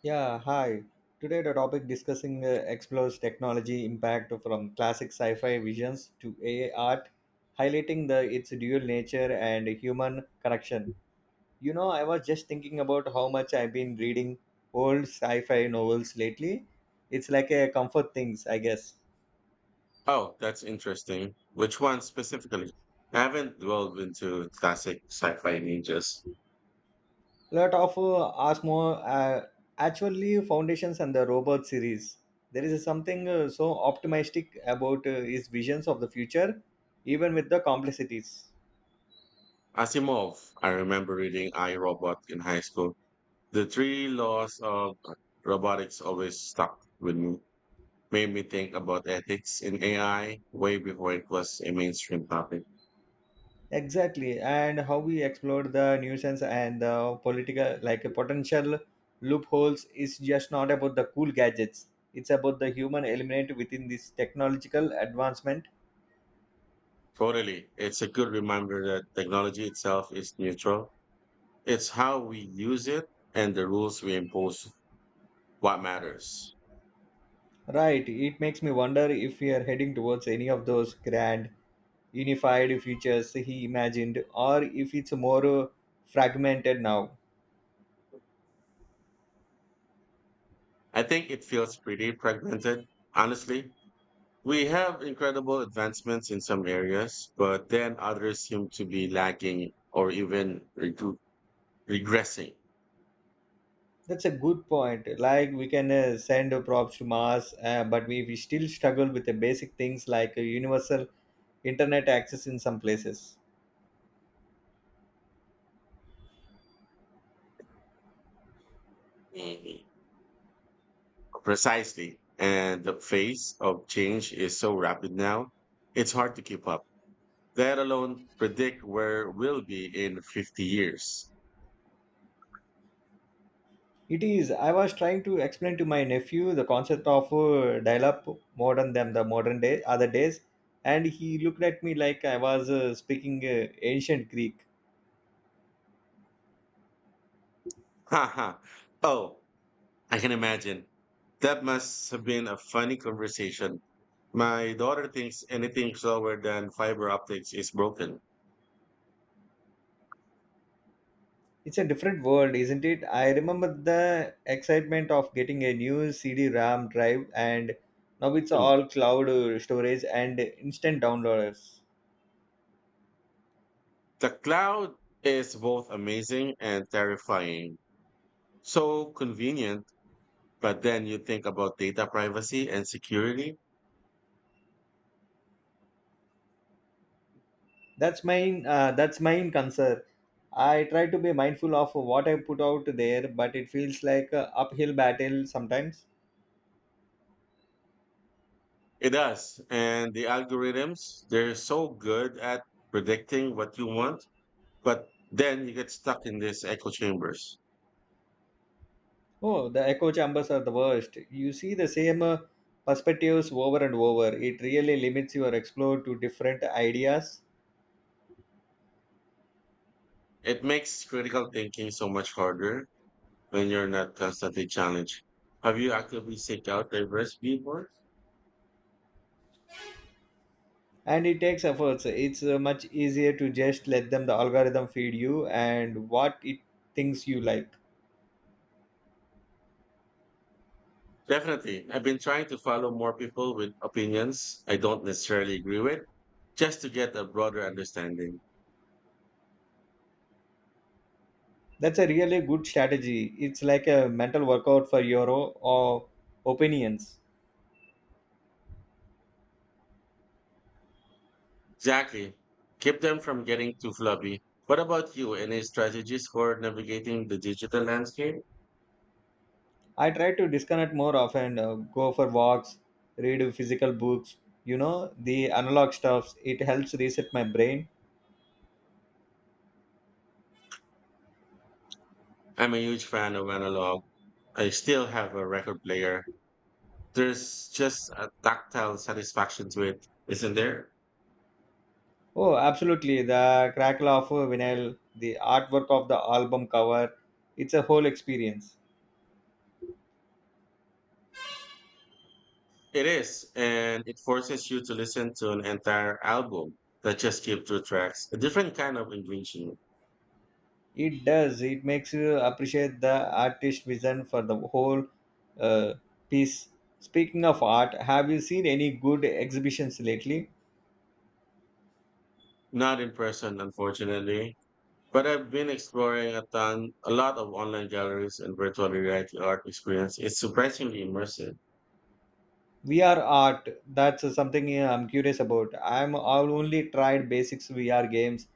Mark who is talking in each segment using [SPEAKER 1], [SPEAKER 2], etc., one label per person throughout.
[SPEAKER 1] Yeah, hi. Today the topic discussing explores technology impact from classic sci-fi visions to AI art, highlighting the its dual nature and human connection. You know, I was just thinking about how much I've been reading old sci-fi novels lately. It's like a comfort things, I guess.
[SPEAKER 2] Oh, that's interesting. Which one specifically? I haven't delved into classic sci-fi ninjas.
[SPEAKER 1] Lot of actually Foundations and the Robot series. There is something so optimistic about his visions of the future, even with the complexities.
[SPEAKER 2] Asimov. I remember reading I, Robot in high school. The three laws of robotics always stuck with me. Made me think about ethics in AI way before it was a mainstream topic.
[SPEAKER 1] Exactly, and how we explored the nuisance and the political, like potential loopholes, is just not about the cool gadgets. It's about the human element within this technological advancement.
[SPEAKER 2] Totally. It's a good reminder that technology itself is neutral. It's how we use it and the rules we impose what matters.
[SPEAKER 1] Right, it makes me wonder if we are heading towards any of those grand, unified futures he imagined, or if it's more fragmented now.
[SPEAKER 2] I think it feels pretty fragmented, honestly. We have incredible advancements in some areas, but then others seem to be lacking or even regressing.
[SPEAKER 1] That's a good point. Like we can send props to Mars, but we still struggle with the basic things like universal internet access in some places.
[SPEAKER 2] Mhm. Precisely. And the pace of change is so rapid now, it's hard to keep up, let alone predict where we'll be in 50 years.
[SPEAKER 1] It is. I was trying to explain to my nephew the concept of dial-up modern than the modern day other days, and he looked at me like I was speaking ancient Greek.
[SPEAKER 2] Haha, oh, I can imagine. That must have been a funny conversation. My daughter thinks anything slower than fiber optics is broken.
[SPEAKER 1] It's a different world, isn't it? I remember the excitement of getting a new CD-RAM drive, and now it's
[SPEAKER 2] Hmm.
[SPEAKER 1] all cloud storage and instant downloaders.
[SPEAKER 2] The cloud is both amazing and terrifying. So convenient, but then you think about data privacy and security.
[SPEAKER 1] That's mine concern. I try to be mindful of what I put out there, but it feels like a uphill battle sometimes.
[SPEAKER 2] It does. And the algorithms, they're so good at predicting what you want, but then you get stuck in these echo chambers.
[SPEAKER 1] Oh, the echo chambers are the worst. You see the same perspectives over and over. It really limits your explore to different ideas.
[SPEAKER 2] It makes critical thinking so much harder when you're not constantly challenged. Have you actively seek out diverse viewpoints?
[SPEAKER 1] And it takes efforts. It's much easier to just let them the algorithm feed you and what it thinks you like.
[SPEAKER 2] Definitely. I've been trying to follow more people with opinions I don't necessarily agree with just to get a broader understanding.
[SPEAKER 1] That's a really good strategy. It's like a mental workout for your o- opinions.
[SPEAKER 2] Exactly. Keep them from getting too flabby. What about you? Any strategies for navigating the digital landscape?
[SPEAKER 1] I try to disconnect more often, go for walks, read physical books, you know, the analog stuffs. It helps reset my brain.
[SPEAKER 2] I'm a huge fan of analog. I still have a record player. There's just a tactile satisfaction to it, isn't there?
[SPEAKER 1] Oh, absolutely. The crackle of a vinyl, the artwork of the album cover, it's a whole experience.
[SPEAKER 2] It is, and it forces you to listen to an entire album, not just skip two tracks. A different kind of engagement.
[SPEAKER 1] It does. It makes you appreciate the artist vision for the whole uh, piece. Speaking of art, have you seen any good exhibitions lately?
[SPEAKER 2] Not in person, unfortunately. But I've been exploring a ton, a lot of online galleries and virtual reality art experience. It's surprisingly immersive.
[SPEAKER 1] VR art, that's something I'm curious about. I've only tried basics VR games.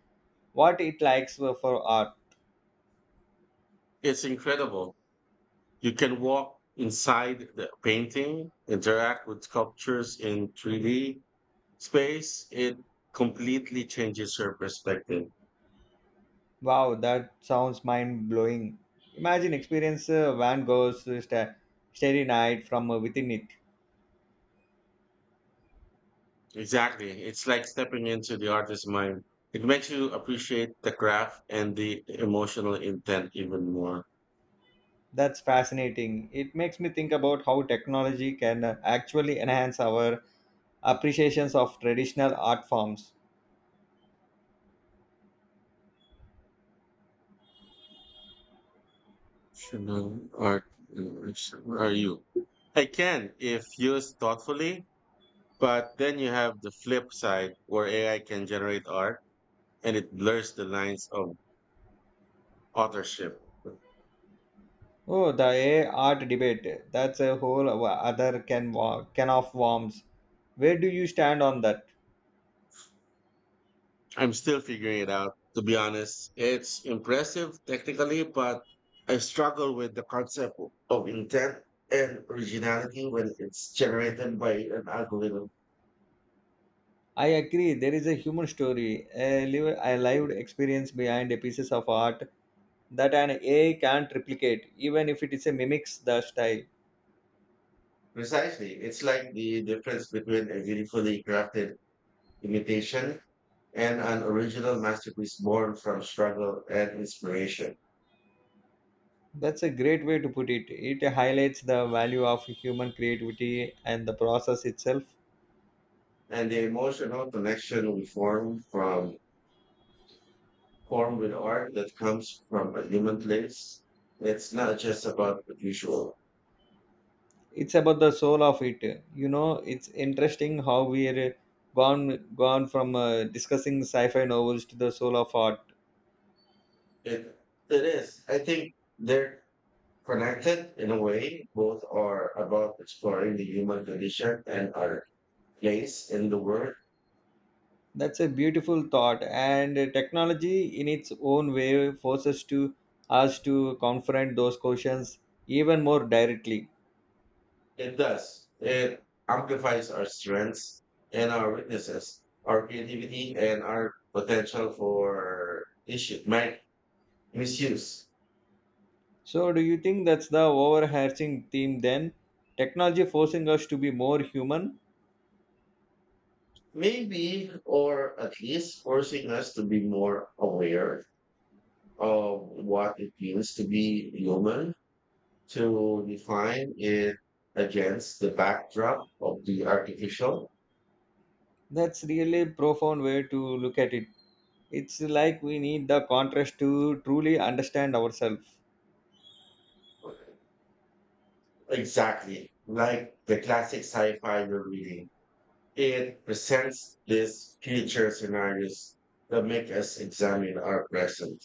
[SPEAKER 1] What it likes for art.
[SPEAKER 2] It's incredible. You can walk inside the painting, interact with sculptures in 3D space. It completely changes your perspective.
[SPEAKER 1] Wow, that sounds mind blowing. Imagine experience Van Gogh's Starry Night from within it.
[SPEAKER 2] Exactly. It's like stepping into the artist's mind. It makes you appreciate the craft and the emotional intent even more.
[SPEAKER 1] That's fascinating. It makes me think about how technology can actually enhance our appreciations of traditional art forms.
[SPEAKER 2] Emotional art. Where are you? I can if used thoughtfully, but then you have the flip side where AI can generate art and it blurs the lines of authorship.
[SPEAKER 1] Oh, the AI art debate. That's a whole other can can of worms. Where do you stand on that?
[SPEAKER 2] I'm still figuring it out, to be honest. It's impressive technically, but I struggle with the concept of intent and originality when it's generated by an algorithm.
[SPEAKER 1] I agree. There is a human story, a, live, a lived experience behind a pieces of art that an AI can't replicate, even if it is a mimics the style.
[SPEAKER 2] Precisely. It's like the difference between a beautifully crafted imitation and an original masterpiece born from struggle and inspiration.
[SPEAKER 1] That's a great way to put it. It highlights the value of human creativity and the process itself.
[SPEAKER 2] And the emotional connection we form from form with art that comes from a human place. It's not just about the visual.
[SPEAKER 1] It's about the soul of it. You know, it's interesting how we're gone from discussing sci-fi novels to the soul of art.
[SPEAKER 2] It it is. I think they're connected in a way. Both are about exploring the human condition and our place in the world.
[SPEAKER 1] That's a beautiful thought, and technology in its own way forces to us to confront those questions even more directly.
[SPEAKER 2] It does. It amplifies our strengths and our weaknesses, our creativity and our potential for issue my misuse.
[SPEAKER 1] So, do you think that's the overarching theme then? Technology forcing us to be more human?
[SPEAKER 2] Maybe or at least forcing us to be more aware of what it means to be human to define it against the backdrop of the artificial.
[SPEAKER 1] That's really a profound way to look at it. It's like we need the contrast to truly understand ourselves.
[SPEAKER 2] Exactly. Like the classic sci-fi you're reading. It presents these future scenarios that make us examine our present.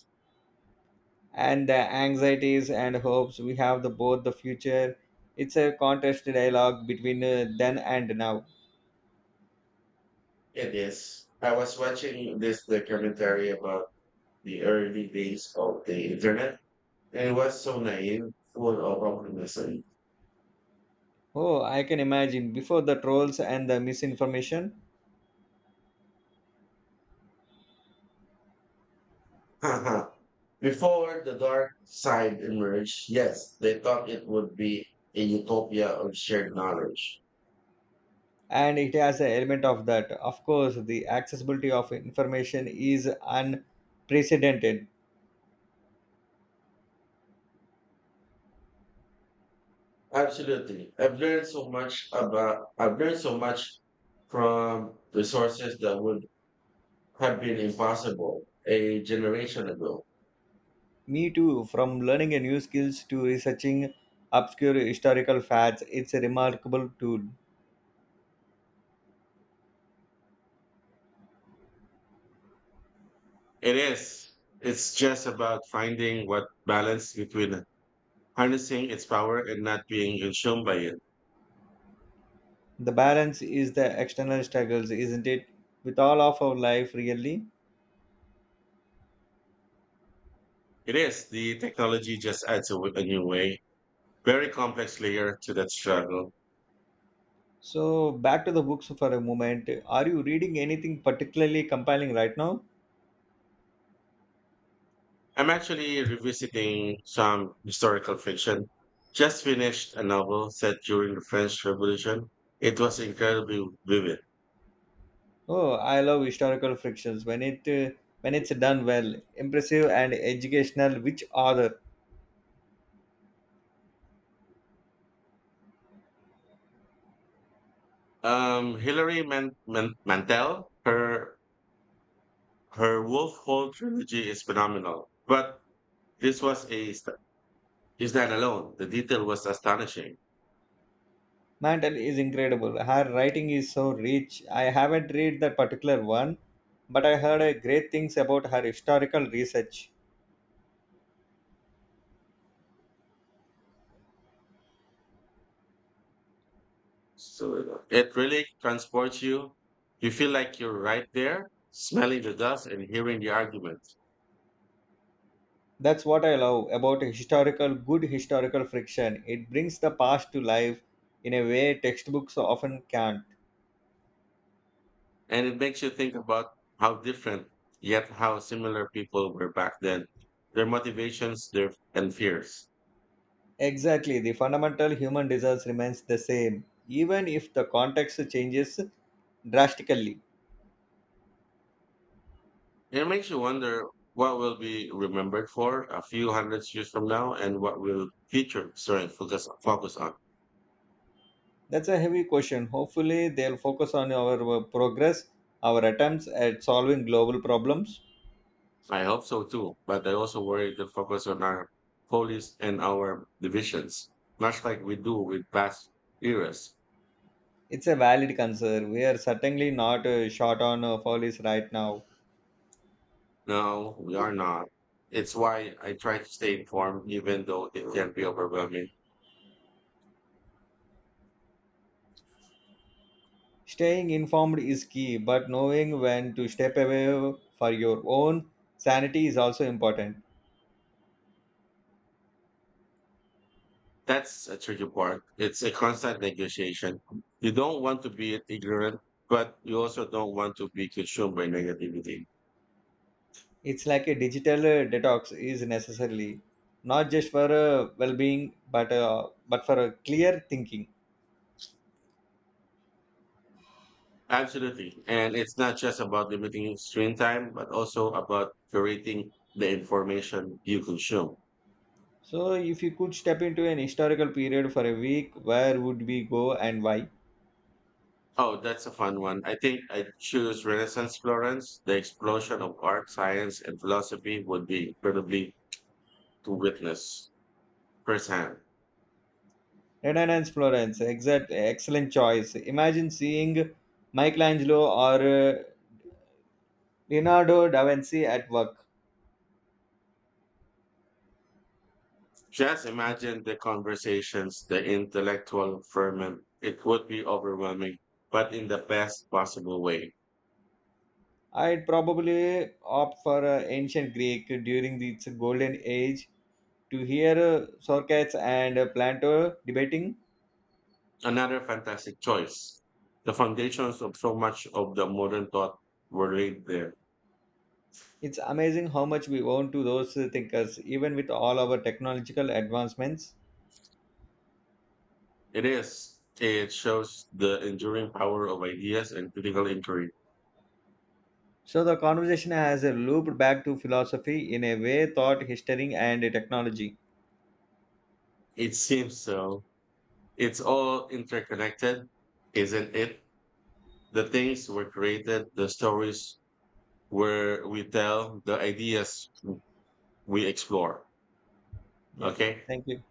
[SPEAKER 1] And the anxieties and hopes we have the both the future. It's a contrast dialogue between then and now.
[SPEAKER 2] It is. I was watching this documentary about the early days of the internet, and it was so naive, full of optimism.
[SPEAKER 1] Oh, I can imagine. Before the trolls and the misinformation,
[SPEAKER 2] Before the dark side emerged, yes, they thought it would be a utopia of shared knowledge.
[SPEAKER 1] and it has an element of that. Of course, the accessibility of information is unprecedented.
[SPEAKER 2] Absolutely. I've learned so much from resources that would have been impossible a generation ago.
[SPEAKER 1] Me too, from learning a new skills to researching obscure historical facts, it's a remarkable tool.
[SPEAKER 2] It is. It's just about finding what balance between harnessing its power and not being consumed by it.
[SPEAKER 1] The balance is the external struggles, isn't it? With all of our life, really.
[SPEAKER 2] It is. The technology just adds a new way, very complex layer to that struggle.
[SPEAKER 1] So, back to the books for a moment. Are you reading anything particularly compelling right now?
[SPEAKER 2] I'm actually revisiting some historical fiction. Just finished a novel set during the French Revolution. It was incredibly vivid.
[SPEAKER 1] Oh, I love historical frictions when it when it's done well, impressive and educational. Which author?
[SPEAKER 2] Hilary Mantel, her Wolf Hall trilogy is phenomenal, but this was a st- is that alone. The detail was astonishing.
[SPEAKER 1] Mantle is incredible. Her writing is so rich. I haven't read that particular one, but I heard great things about her historical research.
[SPEAKER 2] So it really transports you. You feel like you're right there, smelling the dust and hearing the arguments.
[SPEAKER 1] That's what I love about historical good historical friction. It brings the past to life in a way textbooks often can't.
[SPEAKER 2] And it makes you think about how different, yet how similar people were back then, their motivations, their and fears.
[SPEAKER 1] Exactly, the fundamental human desires remains the same, even if the context changes drastically.
[SPEAKER 2] It makes you wonder what will be remembered for a few hundred years from now and what will future sorry focus on.
[SPEAKER 1] That's a heavy question. Hopefully, they'll focus on our progress, our attempts at solving global problems.
[SPEAKER 2] I hope so too, but I also worry the focus on our police and our divisions, much like we do with past eras.
[SPEAKER 1] It's a valid concern. We are certainly not short on follies right now.
[SPEAKER 2] No, we are not. It's why I try to stay informed even though it can be overwhelming.
[SPEAKER 1] Staying informed is key, but knowing when to step away for your own sanity is also important.
[SPEAKER 2] That's a tricky part. It's a constant negotiation. You don't want to be ignorant, but you also don't want to be consumed by negativity.
[SPEAKER 1] It's like a digital detox is necessarily not just for well-being, but for clear thinking.
[SPEAKER 2] Absolutely. And it's not just about limiting screen time, but also about curating the information you consume.
[SPEAKER 1] So, if you could step into an historical period for a week, where would we go and why?
[SPEAKER 2] Oh, that's a fun one. I think I choose Renaissance Florence. The explosion of art, science, and philosophy would be incredibly to witness firsthand.
[SPEAKER 1] Renaissance Florence, excellent choice. Imagine seeing Michelangelo or Leonardo da Vinci at work.
[SPEAKER 2] Just imagine the conversations, the intellectual ferment. It would be overwhelming, but in the best possible way.
[SPEAKER 1] I'd probably opt for ancient Greek during its golden age to hear Socrates and Plato debating.
[SPEAKER 2] Another fantastic choice. The foundations of so much of the modern thought were laid there.
[SPEAKER 1] It's amazing how much we own to those thinkers, even with all our technological advancements.
[SPEAKER 2] It is. It shows the enduring power of ideas and critical inquiry.
[SPEAKER 1] So the conversation has looped back to philosophy in a way, thought, history, and technology.
[SPEAKER 2] It seems so. It's all interconnected, isn't it? The things were created, the stories where we tell, the ideas we explore.
[SPEAKER 1] Yeah.
[SPEAKER 2] Okay.
[SPEAKER 1] Thank you.